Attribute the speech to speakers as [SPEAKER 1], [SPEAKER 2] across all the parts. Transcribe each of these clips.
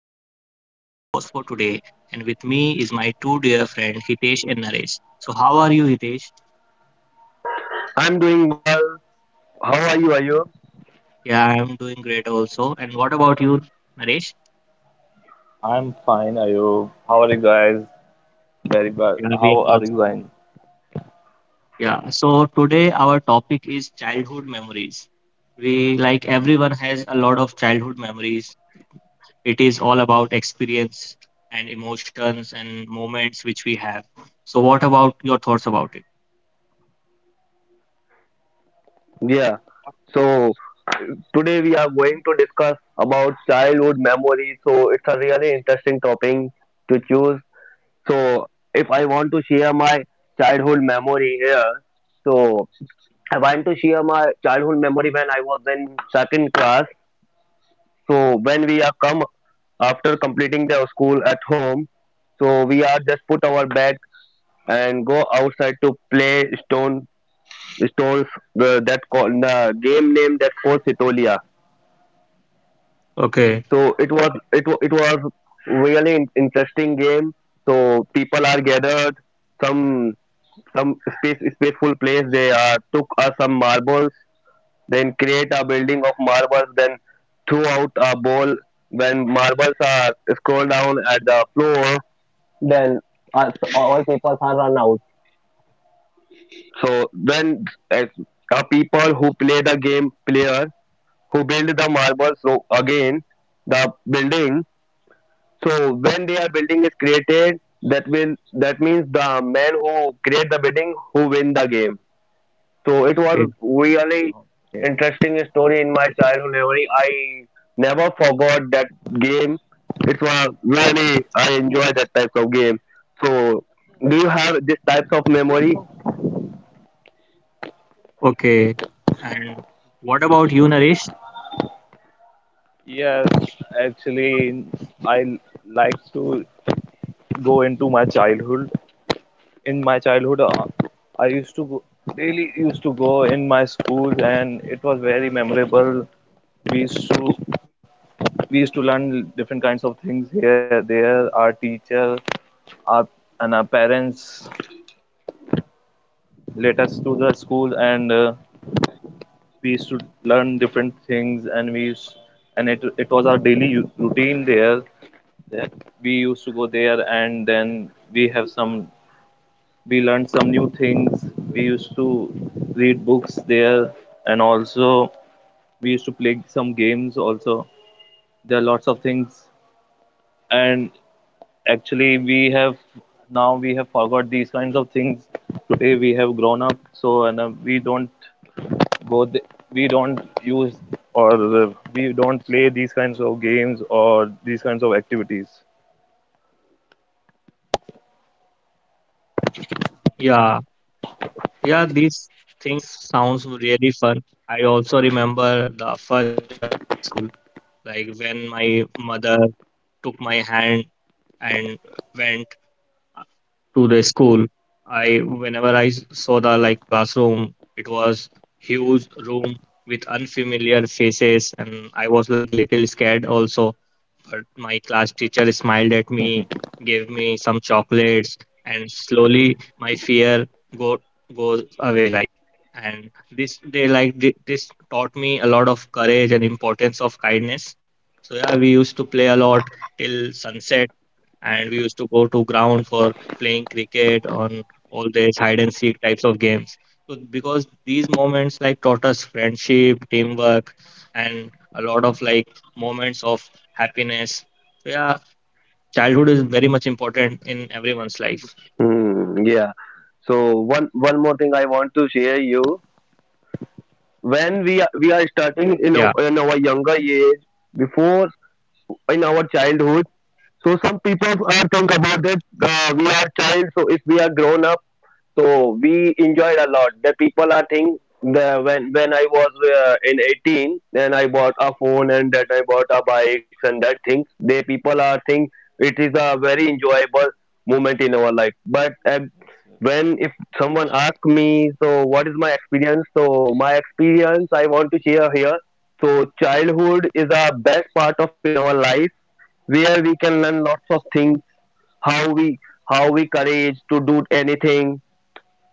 [SPEAKER 1] I am Ayub, your host for today, and with me is my two dear friends Hitesh and Naresh. So, how are you, Hitesh?
[SPEAKER 2] I'm doing well. How are you, Ayub?
[SPEAKER 1] Yeah, I am doing great also. And what about you, Naresh?
[SPEAKER 3] I'm fine. Are you? How are you guys? Very well.
[SPEAKER 1] Yeah,
[SPEAKER 3] How
[SPEAKER 1] we are
[SPEAKER 3] are you?
[SPEAKER 1] also. Fine. Yeah. So today our topic is childhood memories. We like everyone has a lot of childhood memories. It is all about experience and emotions and moments which we have. So, what about your thoughts about it?
[SPEAKER 2] Yeah. So today we are going to discuss about childhood memories. So it's a really interesting topic to choose. So if I want to share my childhood memory here, so I want to share my childhood memory when I was in second class. So when we are come after completing the school at home, so we are just put our bag and go outside to play stone Stones, that call the game name that was Sitolia.
[SPEAKER 1] Okay.
[SPEAKER 2] So it was really interesting game. So people are gathered some some spaceful place. They took some marbles, then create a building of marbles, then threw out a ball. When marbles are scroll down at the floor, then all people are run out. So when as people who play the game players who build the marble so again the building so when they building is created that will that means the man who create the building who win the game. So it was really interesting story in my childhood memory. I never forgot that game. It was really I enjoy that type of game. So do you have this types of memory?
[SPEAKER 1] Okay. And what about you, Naresh? Yeah, yeah, these things sounds really fun. I also remember the first day of my school, like when my mother took my hand and went to the school. Whenever I saw the like classroom, it was huge room with unfamiliar faces, and I was like little scared also. But my class teacher smiled at me, gave me some chocolates, and slowly my fear go goes away. Like, and this they like thi- this taught me a lot of courage and importance of kindness. So yeah, we used to play a lot till sunset, and we used to go to ground for playing cricket on all these hide and seek types of games. So because these moments like taught us friendship, teamwork, and a lot of like moments of happiness. So yeah, childhood is very much important in everyone's life.
[SPEAKER 2] Hmm, yeah. So one more thing I want to share you. When we are starting in our,
[SPEAKER 1] Yeah,
[SPEAKER 2] in our younger age, before, in our childhood, so some people are think about that we are child, so if we are grown up, so we enjoyed a lot, the people are think the when I was in 18, then I bought a phone and that I bought a bikes and that things, they people are think it is a very enjoyable moment in our life. But when if someone ask me, so what is my experience, so my experience I want to share here. So childhood is a best part of in our life where we can learn lots of things, how we how we courage to do anything.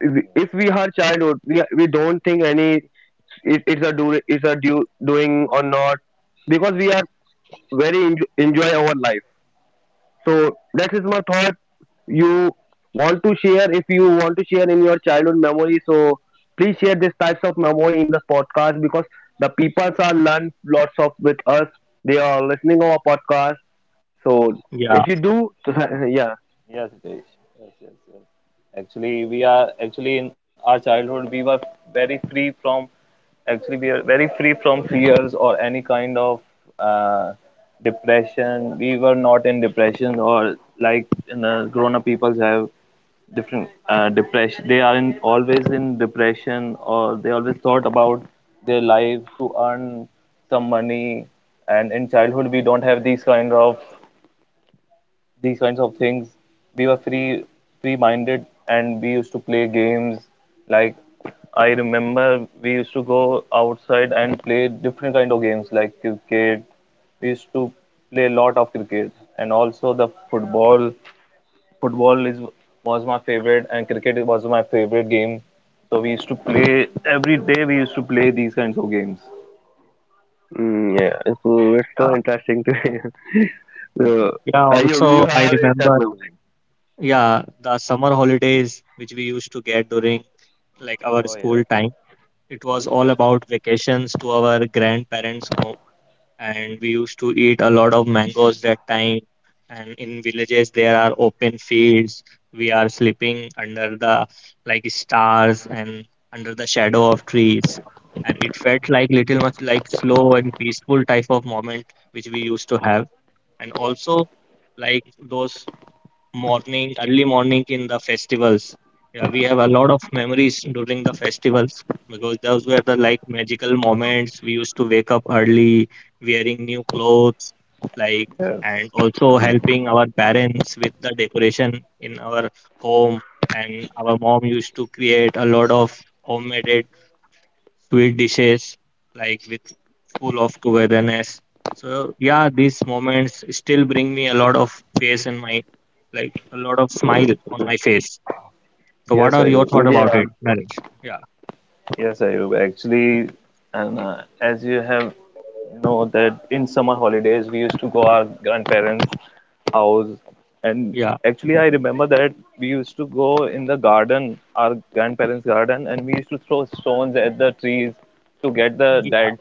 [SPEAKER 2] If we are childhood, we don't think any, it, it's a do it's a due doing or not, because we are very enjo enjoy our life. So that is my thought. You want to share, if you want to share in your childhood memory, so please share this types of memory in this podcast, because the people are learn lots of with us, they are listening our podcast. So if you do
[SPEAKER 1] yeah,
[SPEAKER 2] yeah. Yeah, it's so
[SPEAKER 1] yeah.
[SPEAKER 2] interesting to Uh,
[SPEAKER 1] Yeah,
[SPEAKER 2] Ayub, you
[SPEAKER 1] also I
[SPEAKER 2] have a type
[SPEAKER 1] remember,
[SPEAKER 2] music.
[SPEAKER 1] yeah, the summer holidays which we used to get during like our school time. It was all about vacations to our grandparents' home, and we used to eat a lot of mangoes that time, and in villages there are open fields, we are sleeping under the like stars and under the shadow of trees, and it felt like little much like slow and peaceful type of moment which we used to have. And also like those morning, early morning in the festivals. Yeah, we have a lot of memories during the festivals because those were the like magical moments. We used to wake up early, wearing new clothes, like, and also helping our parents with the decoration in our home. And our mom used to create a lot of homemade sweet dishes like with full of togetherness. So yeah, these moments still bring me a lot of face in my like a lot of
[SPEAKER 2] Mm,
[SPEAKER 1] smile on my face. So what are your thought about
[SPEAKER 2] yeah.
[SPEAKER 1] it, Naresh? Yeah, yeah, yeah,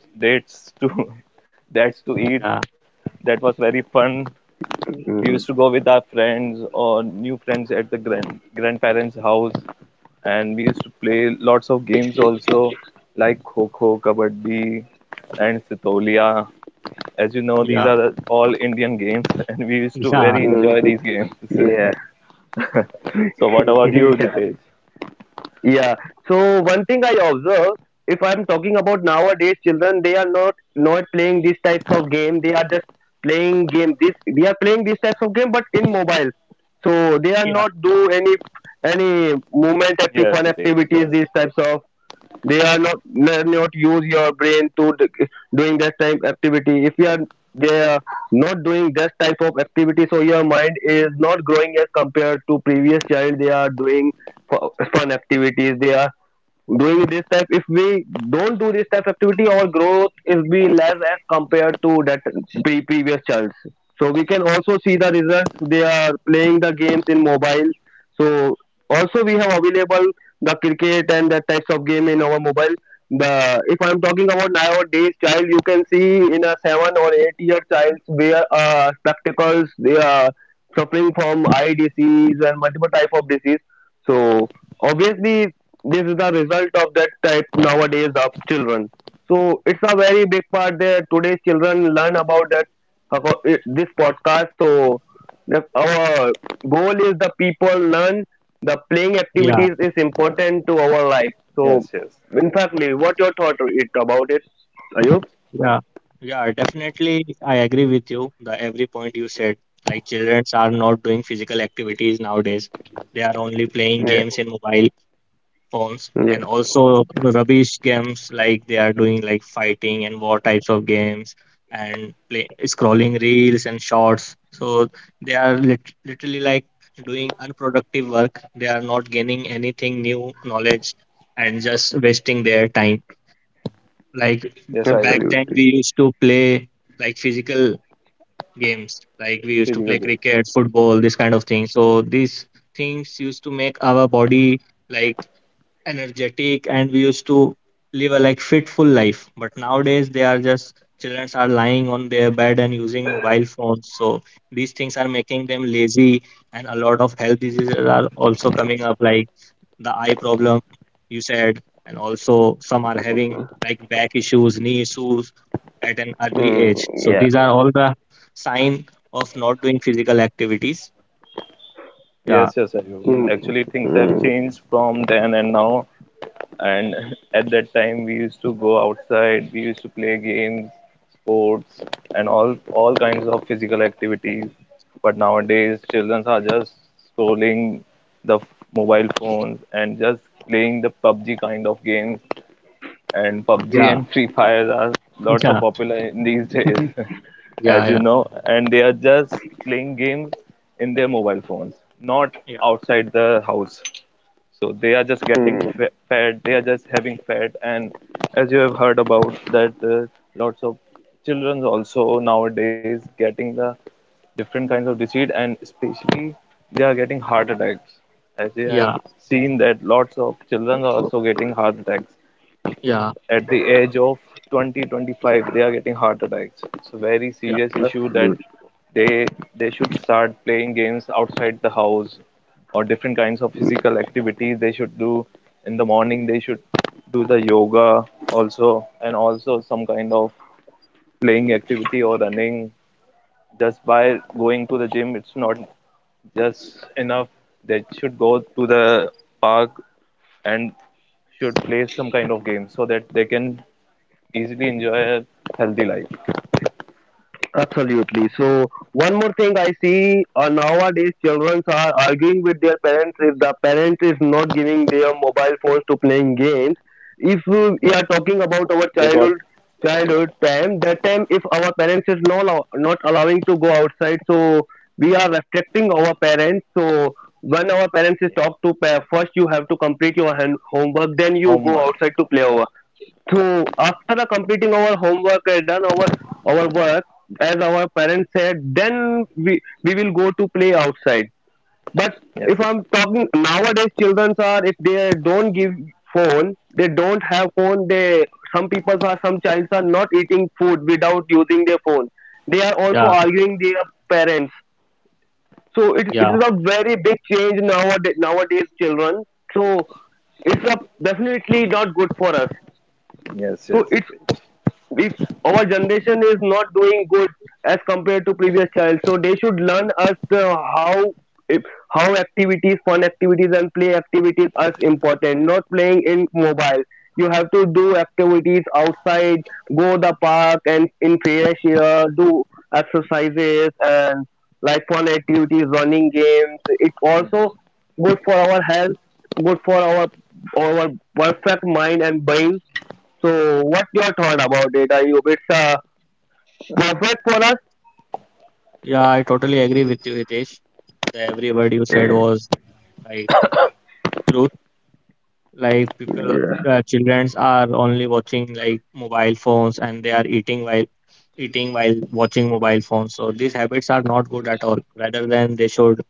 [SPEAKER 1] yeah,
[SPEAKER 2] Mm,
[SPEAKER 1] yeah, yeah,
[SPEAKER 2] mm, yeah. yeah. Yeah. So one thing I observe, if I'm talking about nowadays children, they are not playing these types of game. They are just playing game. This they are playing these types of game, but in mobile. So they are
[SPEAKER 1] yeah,
[SPEAKER 2] not do any movement active fun activities. These types of they are not they not use your brain to doing that type activity if you are, they are not doing that type of activity, so your mind is not growing as compared to previous child. They are doing fu- fun activities, they are doing this type. If we don't do this type of activity, our growth is be less as compared to that previous childs. So we can also see the results, they are playing the games in mobile. So also we have available the cricket and that types of game in our mobile. The if I'm talking about nowadays child, you can see in a 7 or 8-year child where spectacles, they are suffering from eye disease and multiple type of disease. So obviously this is the result of that type nowadays of children. So it's a very big part there today's children learn about this podcast. So our goal is the people learn the playing
[SPEAKER 1] yeah,
[SPEAKER 2] activities is important to our life. So in fact Lee, what your thought it about it, are you?
[SPEAKER 1] yeah. Yeah, definitely I agree with you. The every point you said, like children are not doing physical activities nowadays. They are only playing games in mobile false
[SPEAKER 2] Yeah,
[SPEAKER 1] and also rubbish games, like they are doing like fighting and war types of games and play scrolling reels and shorts. So they are literally like doing unproductive work, they are not gaining anything new knowledge and just wasting their time. Like
[SPEAKER 2] yeah,
[SPEAKER 1] back then we
[SPEAKER 2] absolutely.
[SPEAKER 1] used to play like physical games, like we used to play cricket, football, this kind of thing. So these things used to make our body like energetic, and we used to live a like fitful life, but nowadays they are just children are lying on their bed and using mobile phones. So these things are making them lazy, and a lot of health diseases are also coming up, like the eye problem you said, and also some are having like back issues, knee issues at an early
[SPEAKER 2] Mm,
[SPEAKER 1] age. So
[SPEAKER 2] yeah.
[SPEAKER 1] these are all the sign of not doing physical activities. Yeah,
[SPEAKER 2] Mm, mm,
[SPEAKER 1] yeah, yeah, yeah, yeah, yeah,
[SPEAKER 2] mm,
[SPEAKER 1] yeah, yeah,
[SPEAKER 2] absolutely. Absolutely. So one more thing I see, nowadays, children are arguing with their parents if the parent is not giving their mobile phones to playing games. If we are talking about our childhood time, that time if our parents is no allow, not allowing to go outside, so we are restricting our parents. So when our parents is talk to first you have to complete your homework, then you go outside to play, to after the completing our homework and done our work as our parents said, then we will go to play outside. But if I'm talking nowadays children are, if they don't give phone, they don't have phone, they some people are some childs are not eating food without using their phone. They are also
[SPEAKER 1] yeah.
[SPEAKER 2] arguing their parents. So it
[SPEAKER 1] Yeah,
[SPEAKER 2] is a very big change nowadays children. So it's a definitely not good for us. So it's, if our generation is not doing good as compared to previous child, so they should learn us the how, if, how activities, fun activities, and play activities are important, not playing in mobile. You have to do activities outside, go the park and in fresh air do exercises and like fun activities, running games. It also good for our health, good for our perfect mind and brain. So, what your thought about it? Are you, it's perfect for us?
[SPEAKER 1] yeah, I totally agree with you, Hitesh. The every word you said
[SPEAKER 2] Mm,
[SPEAKER 1] was like truth. Like people,
[SPEAKER 2] yeah,
[SPEAKER 1] childrens are only watching like mobile phones, and they are eating while watching mobile phones. So these habits are not good at all. Rather than they should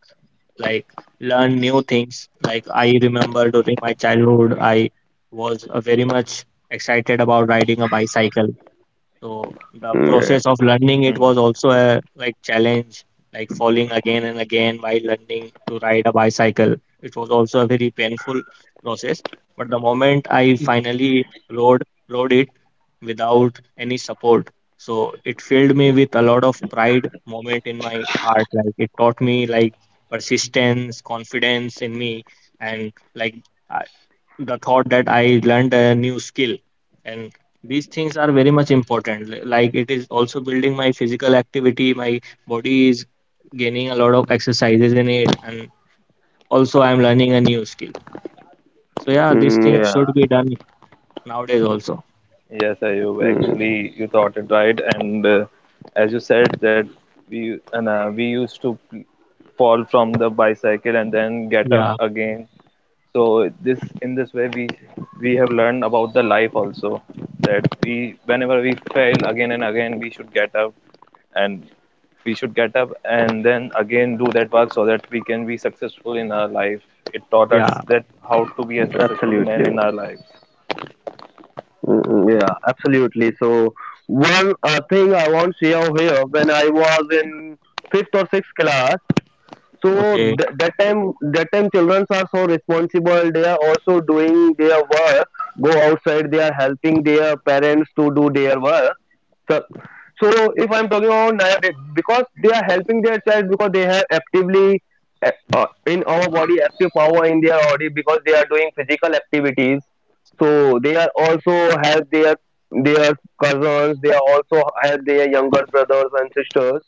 [SPEAKER 1] like learn new things. Like I remember during my childhood, I was very much excited about riding a bicycle. So the
[SPEAKER 2] mm, yeah,
[SPEAKER 1] process of learning it was also a like challenge, like falling again and again while learning to ride a bicycle. It was also a very painful process. But the moment I finally rode it without any support, so it filled me with a lot of pride moment in my heart. Like it taught me like persistence, confidence in me, and like uh, the thought that I learned a new skill. And these things are very much important. Like it is also building my physical activity, my body is gaining a lot of exercises in it, and also I'm learning a new skill. So yeah, these
[SPEAKER 2] mm,
[SPEAKER 1] things should
[SPEAKER 2] yeah,
[SPEAKER 1] be done nowadays also.
[SPEAKER 2] mm,
[SPEAKER 1] Yeah, yeah,
[SPEAKER 2] absolutely. Mm, yeah, absolutely. So, one thing I want to share here, when I was in fifth or sixth class, so
[SPEAKER 1] okay,
[SPEAKER 2] that time, children are so responsible. They are also doing their work, go outside, they are helping their parents to do their work. So, so if I'm talking about nowadays, because they are helping their child because they have actively in our body active power in their body because they are doing physical activities. So they are also help their cousins. They are also help their younger brothers and sisters.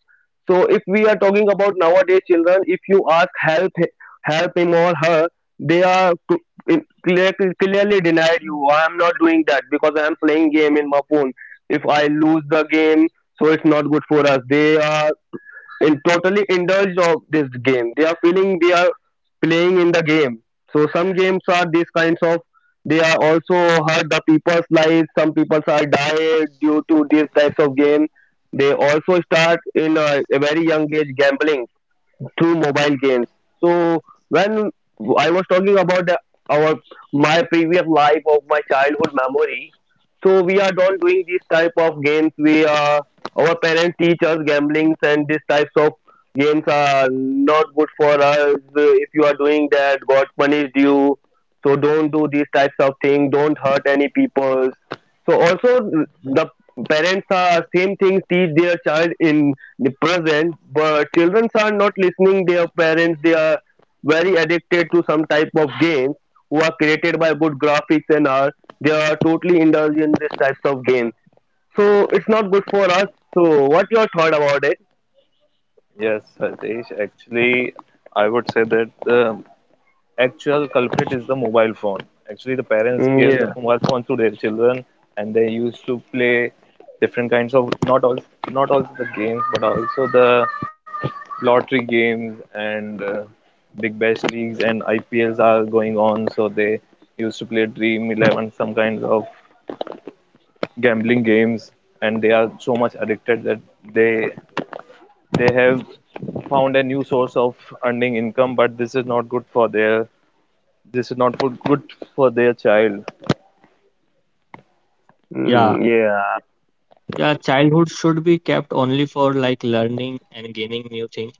[SPEAKER 2] So if we are talking about nowadays children, if you ask help him or her, they are in- clear- clearly denied you. I am not doing that because I am playing game in my phone. If I lose the game, so it's not good for us. They are in totally indulged of this game. They are feeling they are playing in the game. So some games are these kinds of, they are also hurt the people's lives. Some people are died due to these types of game. They also start in a very young age gambling through mobile games. So when I was talking about our my previous life of my childhood memory, so we are not doing these type of games. We are our parents teach us gamblings and these types of games are not good for us. If you are doing that, God punished you. So don't do these types of things. Don't hurt any people. So also the parents are same thing teach their child in the present, but children are not listening their parents, they are very addicted to some type of games who are created by good graphics and are they are totally indulged in these types of games. So it's not good for us. So what your thought about it? Mm, yeah.
[SPEAKER 1] yeah.
[SPEAKER 2] Mm, yeah.
[SPEAKER 1] Yeah, childhood should be kept only for like learning and gaining new things.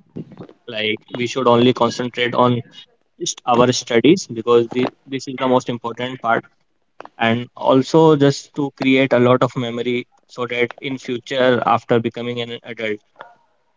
[SPEAKER 1] Like we should only concentrate on our studies because this is the most important part, and also just to create a lot of memory so that in future after becoming an adult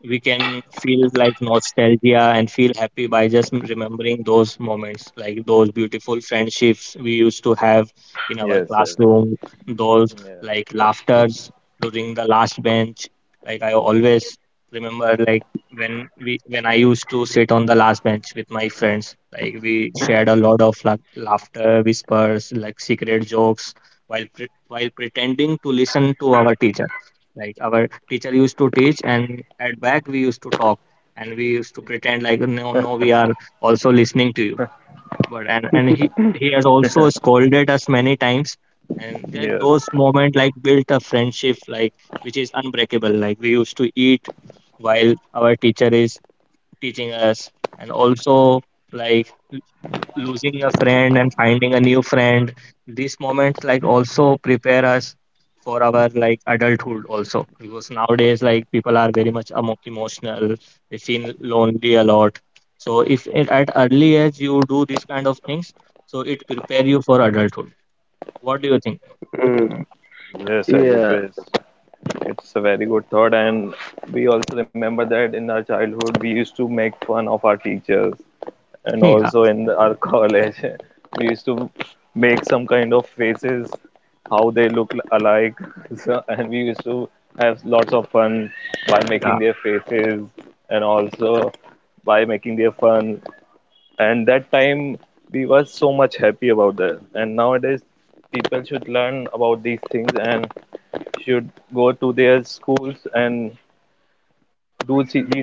[SPEAKER 1] we can feel like nostalgia and feel happy by just remembering those moments, like those beautiful friendships we used to have in our classroom, those like laughters during the last bench. Like I always remember like when I used to sit on the last bench with my friends, like we shared a lot of laughter, whispers, like secret jokes while while pretending to listen to our teacher, like our teacher used to teach, and at back we used to talk, and we used to pretend like no, no, we are also listening to you. But and he has also scolded us many times, and like those moment like built a friendship like which is unbreakable. Like we used to eat while our teacher is teaching us, and also like losing a friend and finding a new friend, these moments like also prepare us for our like adulthood also because nowadays like people are very much emotional, they feel lonely a lot. So if it, at early age you do these kind of things, so it prepare you for adulthood. What do you think?
[SPEAKER 2] Mm, yeah,
[SPEAKER 1] Yeah, yeah,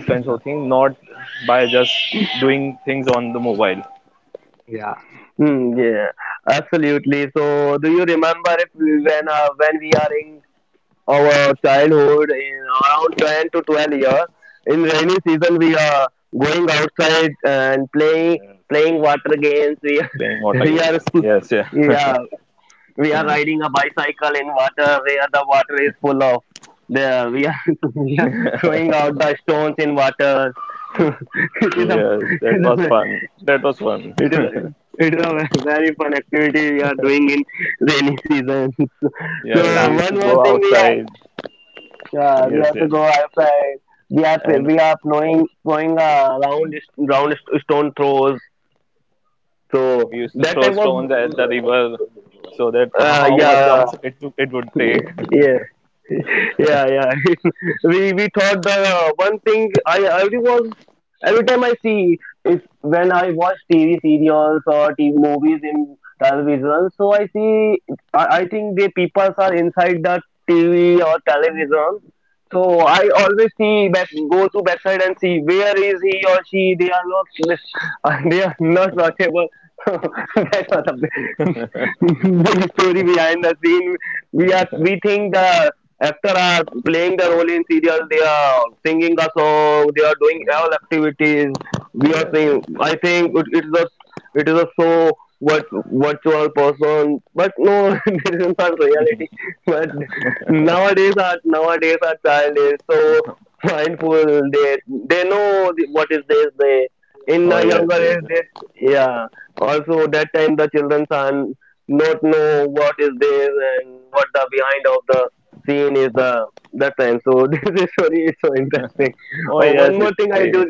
[SPEAKER 1] yeah, yeah,
[SPEAKER 2] mm, yeah, absolutely. So do you remember if when when we are in our childhood in around 10 to 12 years. In rainy season, we are going outside and playing water games. We we are yeah we are riding a bicycle in water where the water is full of. There we are we are throwing out the stones in water. it is a it is a, it is a very fun activity we are doing in rainy season. So
[SPEAKER 1] yeah,
[SPEAKER 2] one more thing we are, yeah, we have to go outside. We are throwing round stone throws. So that I was yeah, yeah, yeah, yeah. We thought the, one thing I every time I see, if when I watch TV serials or TV movies in television, so I see I think the people are inside the TV or television. So I always see back, go to backside and see where is he or she, they are not they are not watchable. That was a big big story behind the scene. We think the Actors are playing the role in serial. They are singing a song. They are doing all activities. We are saying, I think it is a it is a so what virtual person, but no, this is not reality. But nowadays, our child is so mindful. They know what is this. They in a younger age, they yeah. Also, that time the children are not know what is this and what the behind of the scene is the time. So this is very so interesting. One more thing I do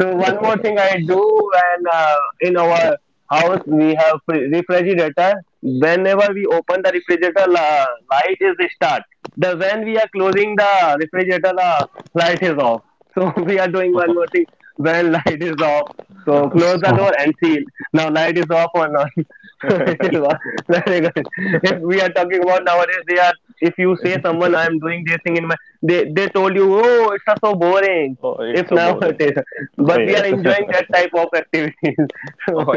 [SPEAKER 2] so one more thing I do when in our house we have refrigerator. Whenever we open the refrigerator, light is start. The when we are closing the refrigerator, light is off. So we are doing one more thing when light is off. So close the door and seal. Now light is off or not? It is
[SPEAKER 1] yeah,
[SPEAKER 2] off. Very good. If we are talking about nowadays, they are. If you say someone I am doing this thing in my, they told you, oh, it's so boring. If now, but we are enjoying that type of activities. So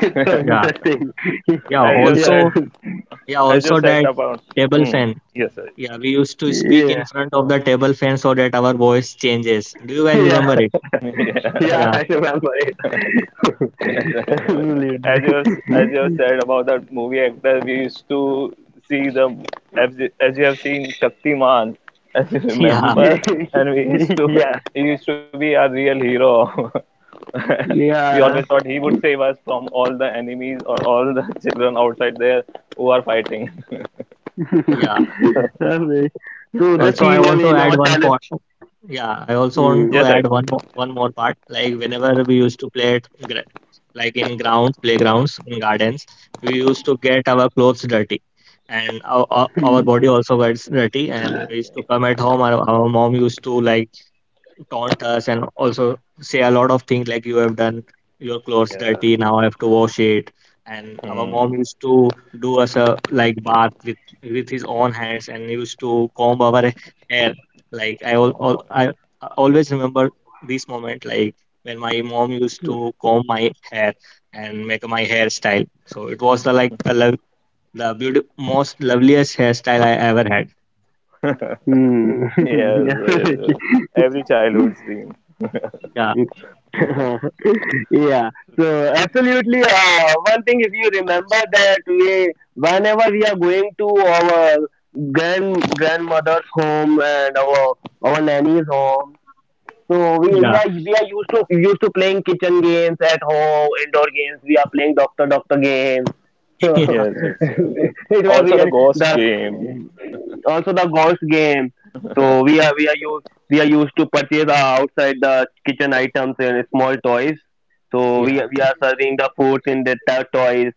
[SPEAKER 2] it's so
[SPEAKER 1] yeah,
[SPEAKER 2] interesting.
[SPEAKER 1] yeah
[SPEAKER 2] Yeah,
[SPEAKER 1] also, yeah also that table fan. Yeah, we used to speak in
[SPEAKER 2] yeah,
[SPEAKER 1] front of the table fan so that our voice changes. Do you guys
[SPEAKER 2] yeah,
[SPEAKER 1] remember it?
[SPEAKER 2] yeah,
[SPEAKER 1] Yeah,
[SPEAKER 2] I remember it. Absolutely.
[SPEAKER 1] yeah,
[SPEAKER 2] Yeah, yeah.
[SPEAKER 1] yeah.
[SPEAKER 2] Okay. So the
[SPEAKER 1] Also, I want
[SPEAKER 2] serial
[SPEAKER 1] to
[SPEAKER 2] in
[SPEAKER 1] add
[SPEAKER 2] our
[SPEAKER 1] one
[SPEAKER 2] channel.
[SPEAKER 1] point. Yeah, I also want to
[SPEAKER 2] Mm.
[SPEAKER 1] add one more part. Like whenever we used to play at like in grounds, playgrounds, in gardens, we used to get our clothes dirty, and our body also gets dirty. And we used to come at home. Our mom used to like taunt us and also say a lot of things like you have done your clothes dirty, now I have to wash it. And our mom used to do us a like bath with his own hands and used to comb our hair. Like I all I always remember this moment, like when my mom used to comb my hair and make my hairstyle. So it was the like the love, the beauty, most loveliest hairstyle I ever had.
[SPEAKER 2] Mm. Absolutely.
[SPEAKER 1] Yeah,
[SPEAKER 2] Yeah, so absolutely, one thing if you remember that we whenever we are going to our grandmother's home and our nanny's home. So, we, we
[SPEAKER 1] yeah,
[SPEAKER 2] are we are used to used to playing kitchen games at home, indoor games, we are playing doctor doctor games. So
[SPEAKER 1] yeah,
[SPEAKER 2] it was really the also the ghost game. So we are used to purchase outside the kitchen items and small toys. So
[SPEAKER 1] yeah,
[SPEAKER 2] we are serving the foods in the toys.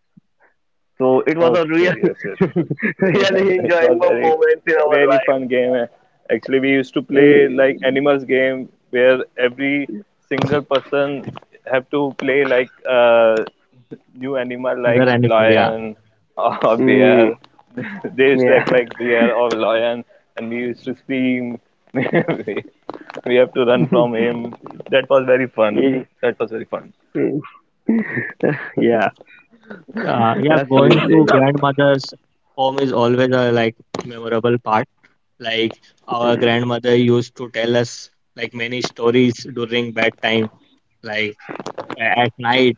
[SPEAKER 2] So it was a real, really enjoyable moments in our life. Mm,
[SPEAKER 1] other animal, yeah.
[SPEAKER 2] mm, yeah. Mm, mm. Yeah,
[SPEAKER 1] Yeah, going to
[SPEAKER 2] absolutely.
[SPEAKER 1] grandmother's home is always a like memorable part. Like our
[SPEAKER 2] Mm,
[SPEAKER 1] grandmother used to tell us like many stories during bedtime. Like at night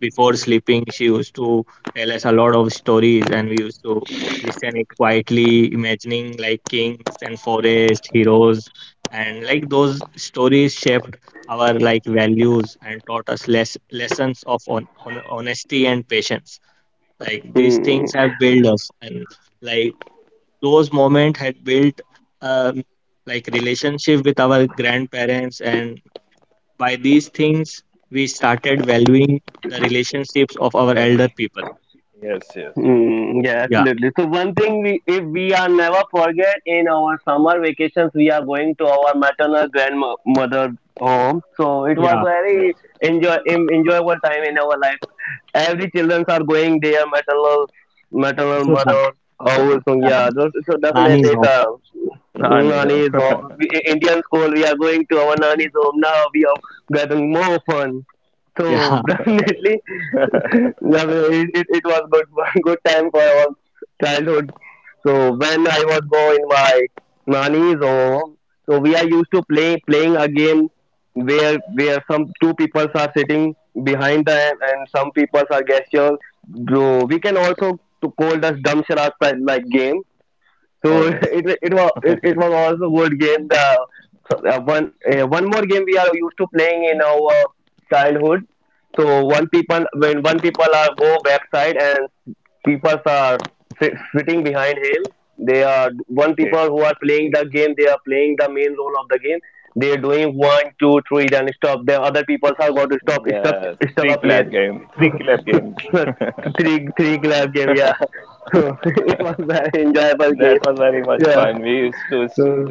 [SPEAKER 1] before sleeping, she used to tell us a lot of stories, and we used to listen it quietly, imagining like kings and forest heroes, and like those stories shaped our like values and taught us less lessons of on honesty and patience. Like these
[SPEAKER 2] mm.
[SPEAKER 1] things have built us, and like those moments had built um, like relationship with our grandparents, and by these things we started valuing the relationships of our elder people.
[SPEAKER 2] Mm, yeah,
[SPEAKER 1] Yeah,
[SPEAKER 2] absolutely. So one thing we, if we are never forget in our summer vacations, we are going to our maternal grandmother home. So it was
[SPEAKER 1] yeah,
[SPEAKER 2] very enjoyable time in our life. Every children are going their maternal
[SPEAKER 1] so
[SPEAKER 2] mother house. So
[SPEAKER 1] yeah,
[SPEAKER 2] yeah, those, so definitely
[SPEAKER 1] nani's
[SPEAKER 2] it's
[SPEAKER 1] home.
[SPEAKER 2] a nanny's home. We, in Indian school, we are going to our nanny's home now. We are getting more fun. So
[SPEAKER 1] Yeah,
[SPEAKER 2] definitely. Yeah, it was good, good time for our childhood. So when I was going my nani's home, so we are used to playing a game where some two people are sitting behind the, and some people are gestures. So we can also to call this dumb charade like game. So it wa- it was it, it was also good game. The so, one more game we are used to playing in our childhood. So one people when one people are go backside and people are sitting behind him. They are one people who are playing the game. They are playing the main role of the game. They are doing one, two, three, then stop. The other people are going to stop stuck a place. Three three clap game. Yeah, it was an enjoyable game. Yeah. So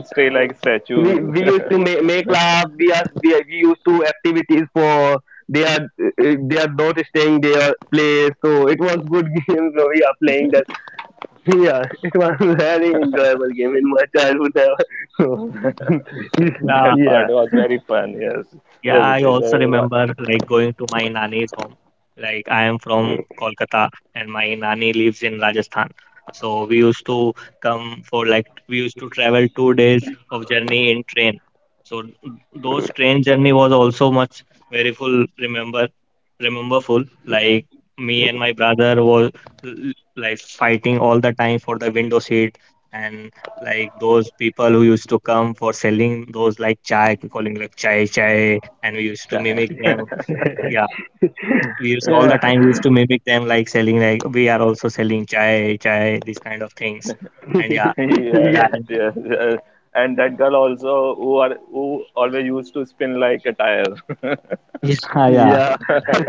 [SPEAKER 2] we used to make love. We used to activities for they are, they are not staying their place. So it was good game. So we are playing that. Yeah, it was very enjoyable game in my childhood. So
[SPEAKER 1] yeah.
[SPEAKER 2] yeah,
[SPEAKER 1] Yeah, I also remember like going to my nani's home. Like I am from Kolkata and my nani lives in Rajasthan. So we used to travel 2 days of journey in train. So those train journey was also much very full remember remember full. Like me and my brother was like fighting all the time for the window seat, and like those people who used to come for selling those like chai, calling like chai chai, and we used to mimic them. Yeah, we used all the
[SPEAKER 2] yeah,
[SPEAKER 1] time we used to mimic them, like selling like we are also selling chai, chai, these kind of things. And yeah, yeah,
[SPEAKER 2] yeah.
[SPEAKER 1] yeah, yeah,
[SPEAKER 2] Yeah,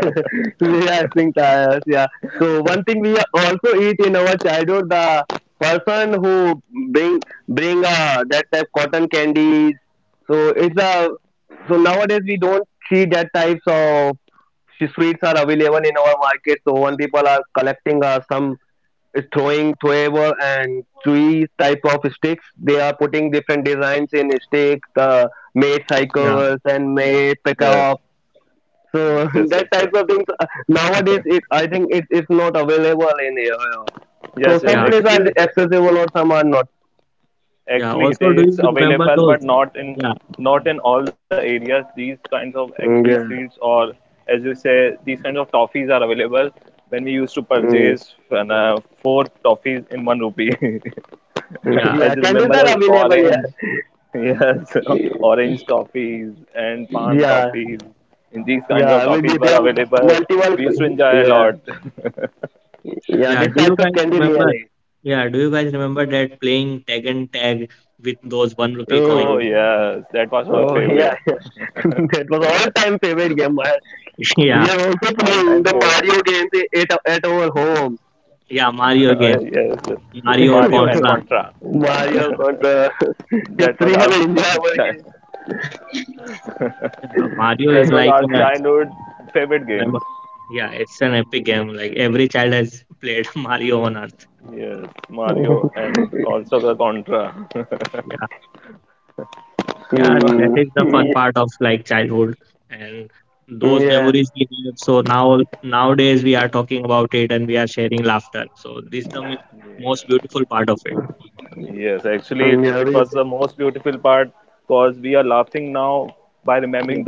[SPEAKER 2] we are seeing tires. Yeah. So one thing we also eat in our childhood, the person who bring bring, that type cotton candies. So it's a, so nowadays we don't see that types of sweets are available in our market. So one people are collecting, some is throwing throwable and chewy type of sticks, they are putting different designs in sticks, the made
[SPEAKER 1] yeah,
[SPEAKER 2] cycles and made pickup. So that type of things, nowadays, it I think it is not available in here. So some
[SPEAKER 1] yeah,
[SPEAKER 2] places are accessible or some are not.
[SPEAKER 1] yeah. Also, do you remember those? Yeah,
[SPEAKER 2] Mm, yeah, mm.
[SPEAKER 1] yeah,
[SPEAKER 2] Yeah, candies are available. Yeah, yeah, yeah. Well, they are multiple. Yeah, yeah.
[SPEAKER 1] yeah.
[SPEAKER 2] This
[SPEAKER 1] Do
[SPEAKER 2] types
[SPEAKER 1] you
[SPEAKER 2] of
[SPEAKER 1] guys
[SPEAKER 2] candy
[SPEAKER 1] remember?
[SPEAKER 2] really.
[SPEAKER 1] Yeah, do you guys remember that playing tag and tag with those one rupee coin?
[SPEAKER 2] Oh, oh yeah. That was all time favorite game. We
[SPEAKER 1] Yeah,
[SPEAKER 2] are also playing the Mario games at our home.
[SPEAKER 1] yeah, Mario game, Mario Contra.
[SPEAKER 2] Mario
[SPEAKER 1] Yeah,
[SPEAKER 2] contra. History India again.
[SPEAKER 1] yeah, Mario is like a remember? Yeah, it's an epic game. Like every child has played Mario on Earth. Yeah, yeah, that
[SPEAKER 2] Mm,
[SPEAKER 1] is the fun part of like childhood, and those
[SPEAKER 2] yeah,
[SPEAKER 1] memories we have. So now nowadays we are talking about it, and we are sharing laughter. So this is the most beautiful part of it.
[SPEAKER 2] mm, yeah, we
[SPEAKER 1] Yeah,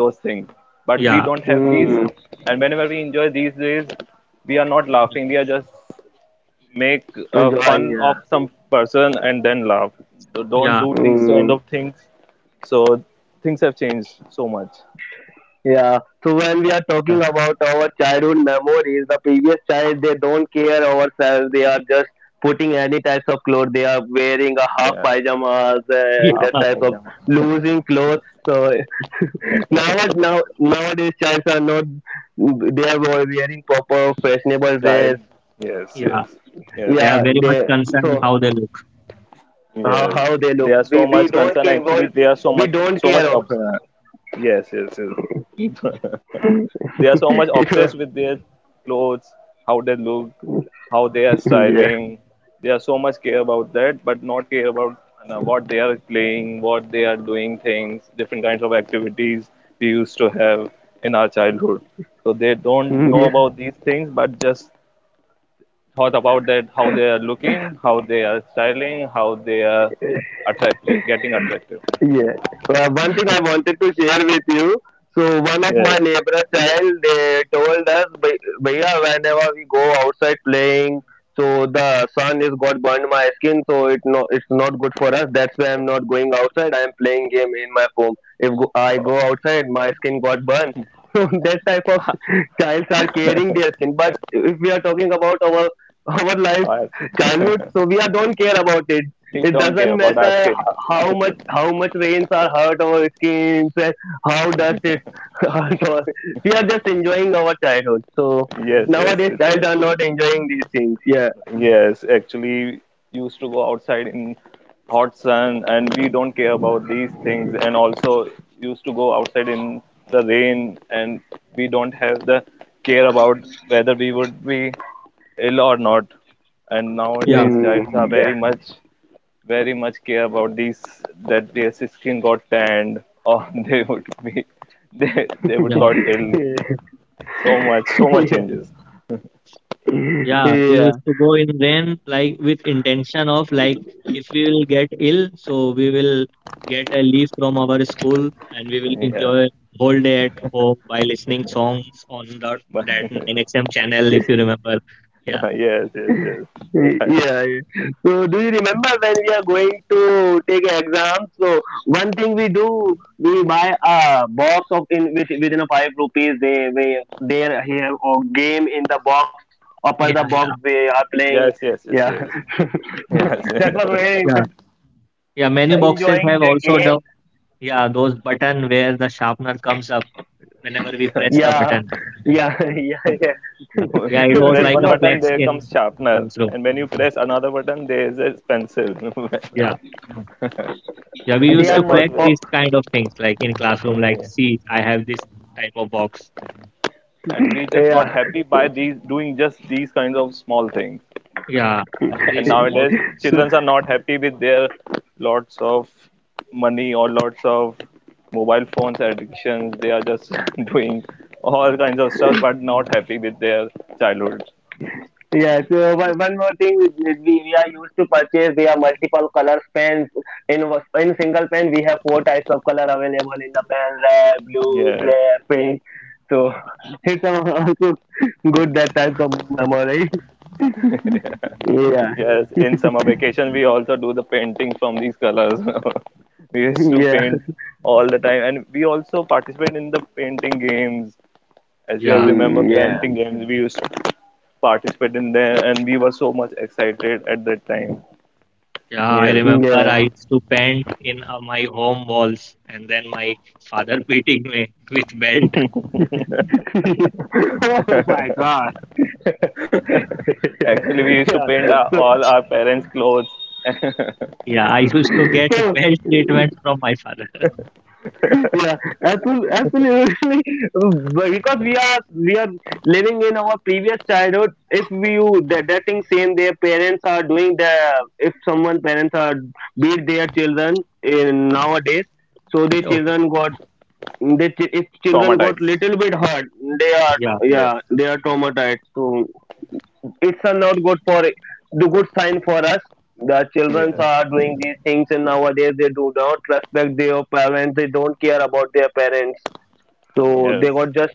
[SPEAKER 1] yeah,
[SPEAKER 2] mm, enjoying. Yeah,
[SPEAKER 1] yeah,
[SPEAKER 2] mm, yeah. So when we are talking about our childhood memories, the previous child they don't care ourselves. They are just putting any types of clothes. They are wearing a half pajamas
[SPEAKER 1] yeah,
[SPEAKER 2] and that types of losing clothes. So now nowadays childs are not, they are all wearing proper fashionable dress,
[SPEAKER 1] yeah. They are
[SPEAKER 2] yeah
[SPEAKER 1] very much
[SPEAKER 2] they.
[SPEAKER 1] concerned
[SPEAKER 2] So
[SPEAKER 1] how they look.
[SPEAKER 2] how they look we don't care, we don't care of her. So yeah. Yeah. Well, one thing I wanted to share with you. So one of my neighbor child, they told us, Bhaiya, whenever we go outside playing, so the sun is got burned my skin, so it no, it's not good for us. That's why I'm not going outside. I'm playing game in my home. If go, I go outside, my skin got burned." So that type of childs are caring their skin. But if we are talking about our life childhood, so we are don't care about it. It doesn't matter how much rains are hurt our skins and how dust it hurt our, we are just enjoying our childhood. So nowadays kids are not enjoying these things, yeah.
[SPEAKER 1] Yeah,
[SPEAKER 2] Mm, yeah.
[SPEAKER 1] yeah.
[SPEAKER 2] Yeah.
[SPEAKER 1] Yeah, we
[SPEAKER 2] Yeah.
[SPEAKER 1] used to go in rain like with intention of like if we will get ill, so we will get a leave from our school, and we will enjoy whole day at home by listening songs on the that 9XM channel, if you remember. Yeah,
[SPEAKER 2] Yeah, yeah. So do you remember when we are going to take an exam? So one thing we do, we buy a box of in with within a five rupees. They we they are here or game in the box. Upper the
[SPEAKER 1] yeah,
[SPEAKER 2] box
[SPEAKER 1] yeah,
[SPEAKER 2] they are playing. Yeah, that was very
[SPEAKER 1] yeah.
[SPEAKER 2] interesting. Interesting. Yeah, we
[SPEAKER 1] Yeah,
[SPEAKER 2] are
[SPEAKER 1] many boxes
[SPEAKER 2] enjoying the
[SPEAKER 1] have also
[SPEAKER 2] game.
[SPEAKER 1] the yeah those button where the sharpener comes up whenever we press the
[SPEAKER 2] Yeah,
[SPEAKER 1] button.
[SPEAKER 2] yeah, yeah, yeah.
[SPEAKER 1] Yeah, yeah, it was
[SPEAKER 2] It
[SPEAKER 1] like a
[SPEAKER 2] was.
[SPEAKER 1] flex in classroom. Yeah. Yeah, we
[SPEAKER 2] They
[SPEAKER 1] used
[SPEAKER 2] are
[SPEAKER 1] to
[SPEAKER 2] much.
[SPEAKER 1] flex
[SPEAKER 2] Oh,
[SPEAKER 1] these kind of things like in classroom, like, see, I have this type of box.
[SPEAKER 2] yeah.
[SPEAKER 1] Yeah, these small things.
[SPEAKER 2] Yes, one more thing we are used to purchase, there are multiple colors pens in in single pen we have four types of color available in the pen, red blue black pink. So it's also good that type of memory. Yeah, yeah,
[SPEAKER 1] Yeah,
[SPEAKER 2] mm, yeah,
[SPEAKER 1] yeah, I remember
[SPEAKER 2] yeah.
[SPEAKER 1] I used to paint in my home walls, and then my father beating me with belt.
[SPEAKER 2] Oh my god. Yeah, so.
[SPEAKER 1] Yeah, I used to get
[SPEAKER 2] So
[SPEAKER 1] belt treatment from my father.
[SPEAKER 2] yeah, absolutely, absolutely. But because we are living in our previous childhood. If we you that, that thing same, their parents are doing the. If someone parents are beat their children in nowadays, so their
[SPEAKER 1] Okay,
[SPEAKER 2] children got, they if children got little bit hurt, they are
[SPEAKER 1] yeah.
[SPEAKER 2] yeah they are traumatized. So it's a not good for the good sign for us. The children
[SPEAKER 1] uh,
[SPEAKER 2] are doing these things, and nowadays they do not respect their parents. They don't care about their parents, so they got just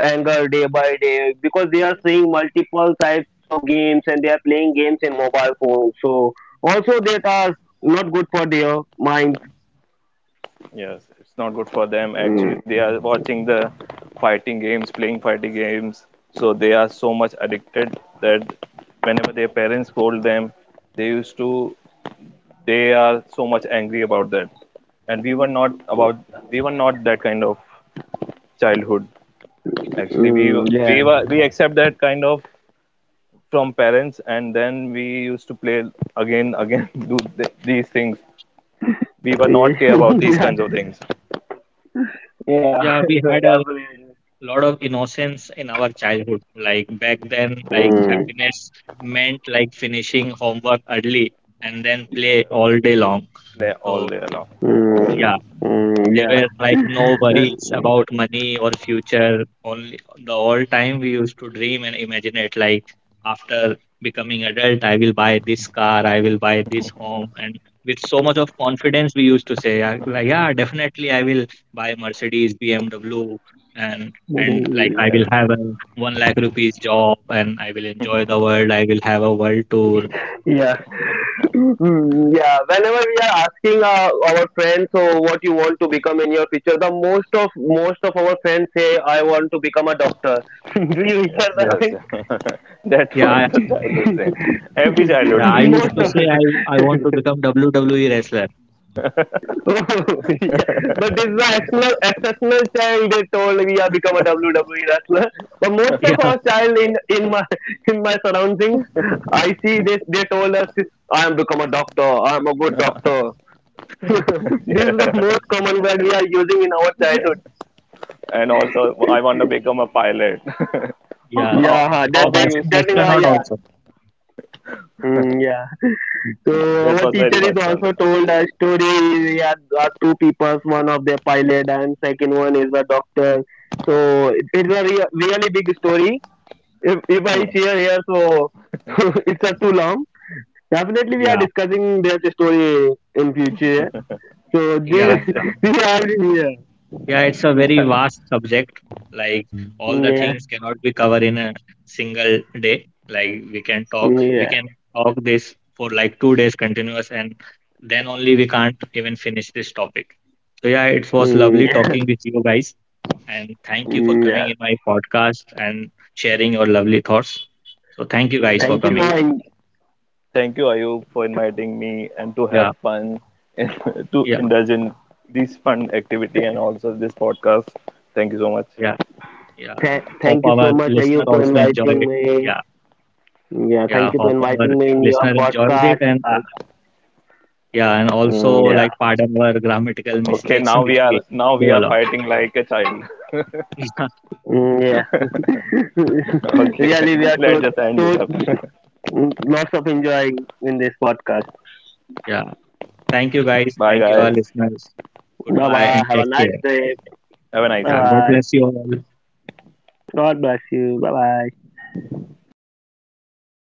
[SPEAKER 2] anger day by day because they are seeing multiple types of games and they are playing games in mobile phone. So also that are not good for their minds. Mm, mm, yeah. Yeah, yeah,
[SPEAKER 1] Yeah, we had a
[SPEAKER 2] definitely.
[SPEAKER 1] lot of innocence in our childhood. Like back then, like
[SPEAKER 2] Mm.
[SPEAKER 1] happiness meant like finishing homework early and then play all day long. So
[SPEAKER 2] Mm,
[SPEAKER 1] yeah,
[SPEAKER 2] mm,
[SPEAKER 1] there were like no
[SPEAKER 2] yeah.
[SPEAKER 1] worries about money or future. Only the all time we used to dream and imagine it like after becoming adult, I will buy this car, I will buy this home. And with so much of confidence, we used to say, like, yeah, definitely I will buy Mercedes, BMW, and and like
[SPEAKER 2] Mm,
[SPEAKER 1] I will have a one lakh rupees job, and I will enjoy the world, I will have a world tour.
[SPEAKER 2] yeah. Mm, yeah. Whenever we are asking, our friends, so what you want to become in your future, the most of our friends say, "I want to become a doctor." Do you hear
[SPEAKER 1] Yeah.
[SPEAKER 2] that thing?
[SPEAKER 1] Yeah, I- yeah, I used
[SPEAKER 2] Most
[SPEAKER 1] to
[SPEAKER 2] of.
[SPEAKER 1] say I want to become WWE wrestler.
[SPEAKER 2] Oh, yeah. But this is a exceptional, exceptional child. They told we are become a WWE wrestler. But most
[SPEAKER 1] Yeah,
[SPEAKER 2] of our child in my in my surroundings, I see this. They told us, "I am become a doctor. I am a good doctor." This is the most common word we are using in our childhood.
[SPEAKER 1] yeah.
[SPEAKER 2] Yeah,
[SPEAKER 1] About
[SPEAKER 2] that is why.
[SPEAKER 1] astronaut
[SPEAKER 2] Yeah.
[SPEAKER 1] also.
[SPEAKER 2] Hmm, yeah. So our teacher is also told a story. Yeah, are two people, one of the pilot and second one is a doctor. So it's a really big story. If I share here, so it's a too long. Definitely, we are
[SPEAKER 1] Yeah,
[SPEAKER 2] discussing this story in future. So this
[SPEAKER 1] yeah, yeah.
[SPEAKER 2] this have here.
[SPEAKER 1] Yeah, it's a very vast subject. Like all the
[SPEAKER 2] Yeah,
[SPEAKER 1] things cannot be covered in a single day. Like we
[SPEAKER 2] yeah,
[SPEAKER 1] can
[SPEAKER 2] mm,
[SPEAKER 1] talk this for like 2 days continuous, and then only we can't even finish this topic. So yeah, it was lovely
[SPEAKER 2] yeah,
[SPEAKER 1] talking with you guys, and thank you for
[SPEAKER 2] mm,
[SPEAKER 1] coming
[SPEAKER 2] yeah.
[SPEAKER 1] in my podcast and sharing your lovely thoughts. So thank you guys for
[SPEAKER 2] Thank you
[SPEAKER 1] coming.
[SPEAKER 2] for
[SPEAKER 1] Yeah, yeah, yeah. Yeah. Hope
[SPEAKER 2] thank you so
[SPEAKER 1] our
[SPEAKER 2] much,
[SPEAKER 1] listener
[SPEAKER 2] Ayub, to
[SPEAKER 1] also enjoy
[SPEAKER 2] inviting
[SPEAKER 1] it.
[SPEAKER 2] me.
[SPEAKER 1] Yeah.
[SPEAKER 2] Yeah,
[SPEAKER 1] Yeah.
[SPEAKER 2] thank you to
[SPEAKER 1] Hope our
[SPEAKER 2] inviting me in your
[SPEAKER 1] listener enjoys it
[SPEAKER 2] podcast.
[SPEAKER 1] and like, yeah, and also
[SPEAKER 2] Mm,
[SPEAKER 1] like
[SPEAKER 2] yeah.
[SPEAKER 1] pardon our grammatical mistakes which we do a lot.
[SPEAKER 2] Mm, yeah. Really, we are to lots of enjoying in this podcast.
[SPEAKER 1] Yeah. Thank you guys. Thank you all listeners.
[SPEAKER 2] Bye
[SPEAKER 1] Goodbye
[SPEAKER 2] bye.
[SPEAKER 1] and
[SPEAKER 2] Have a
[SPEAKER 1] take
[SPEAKER 2] nice
[SPEAKER 1] care.
[SPEAKER 2] day. Bye
[SPEAKER 1] Yeah. God
[SPEAKER 2] bye.
[SPEAKER 1] bless you all.
[SPEAKER 2] God bless you. Bye bye.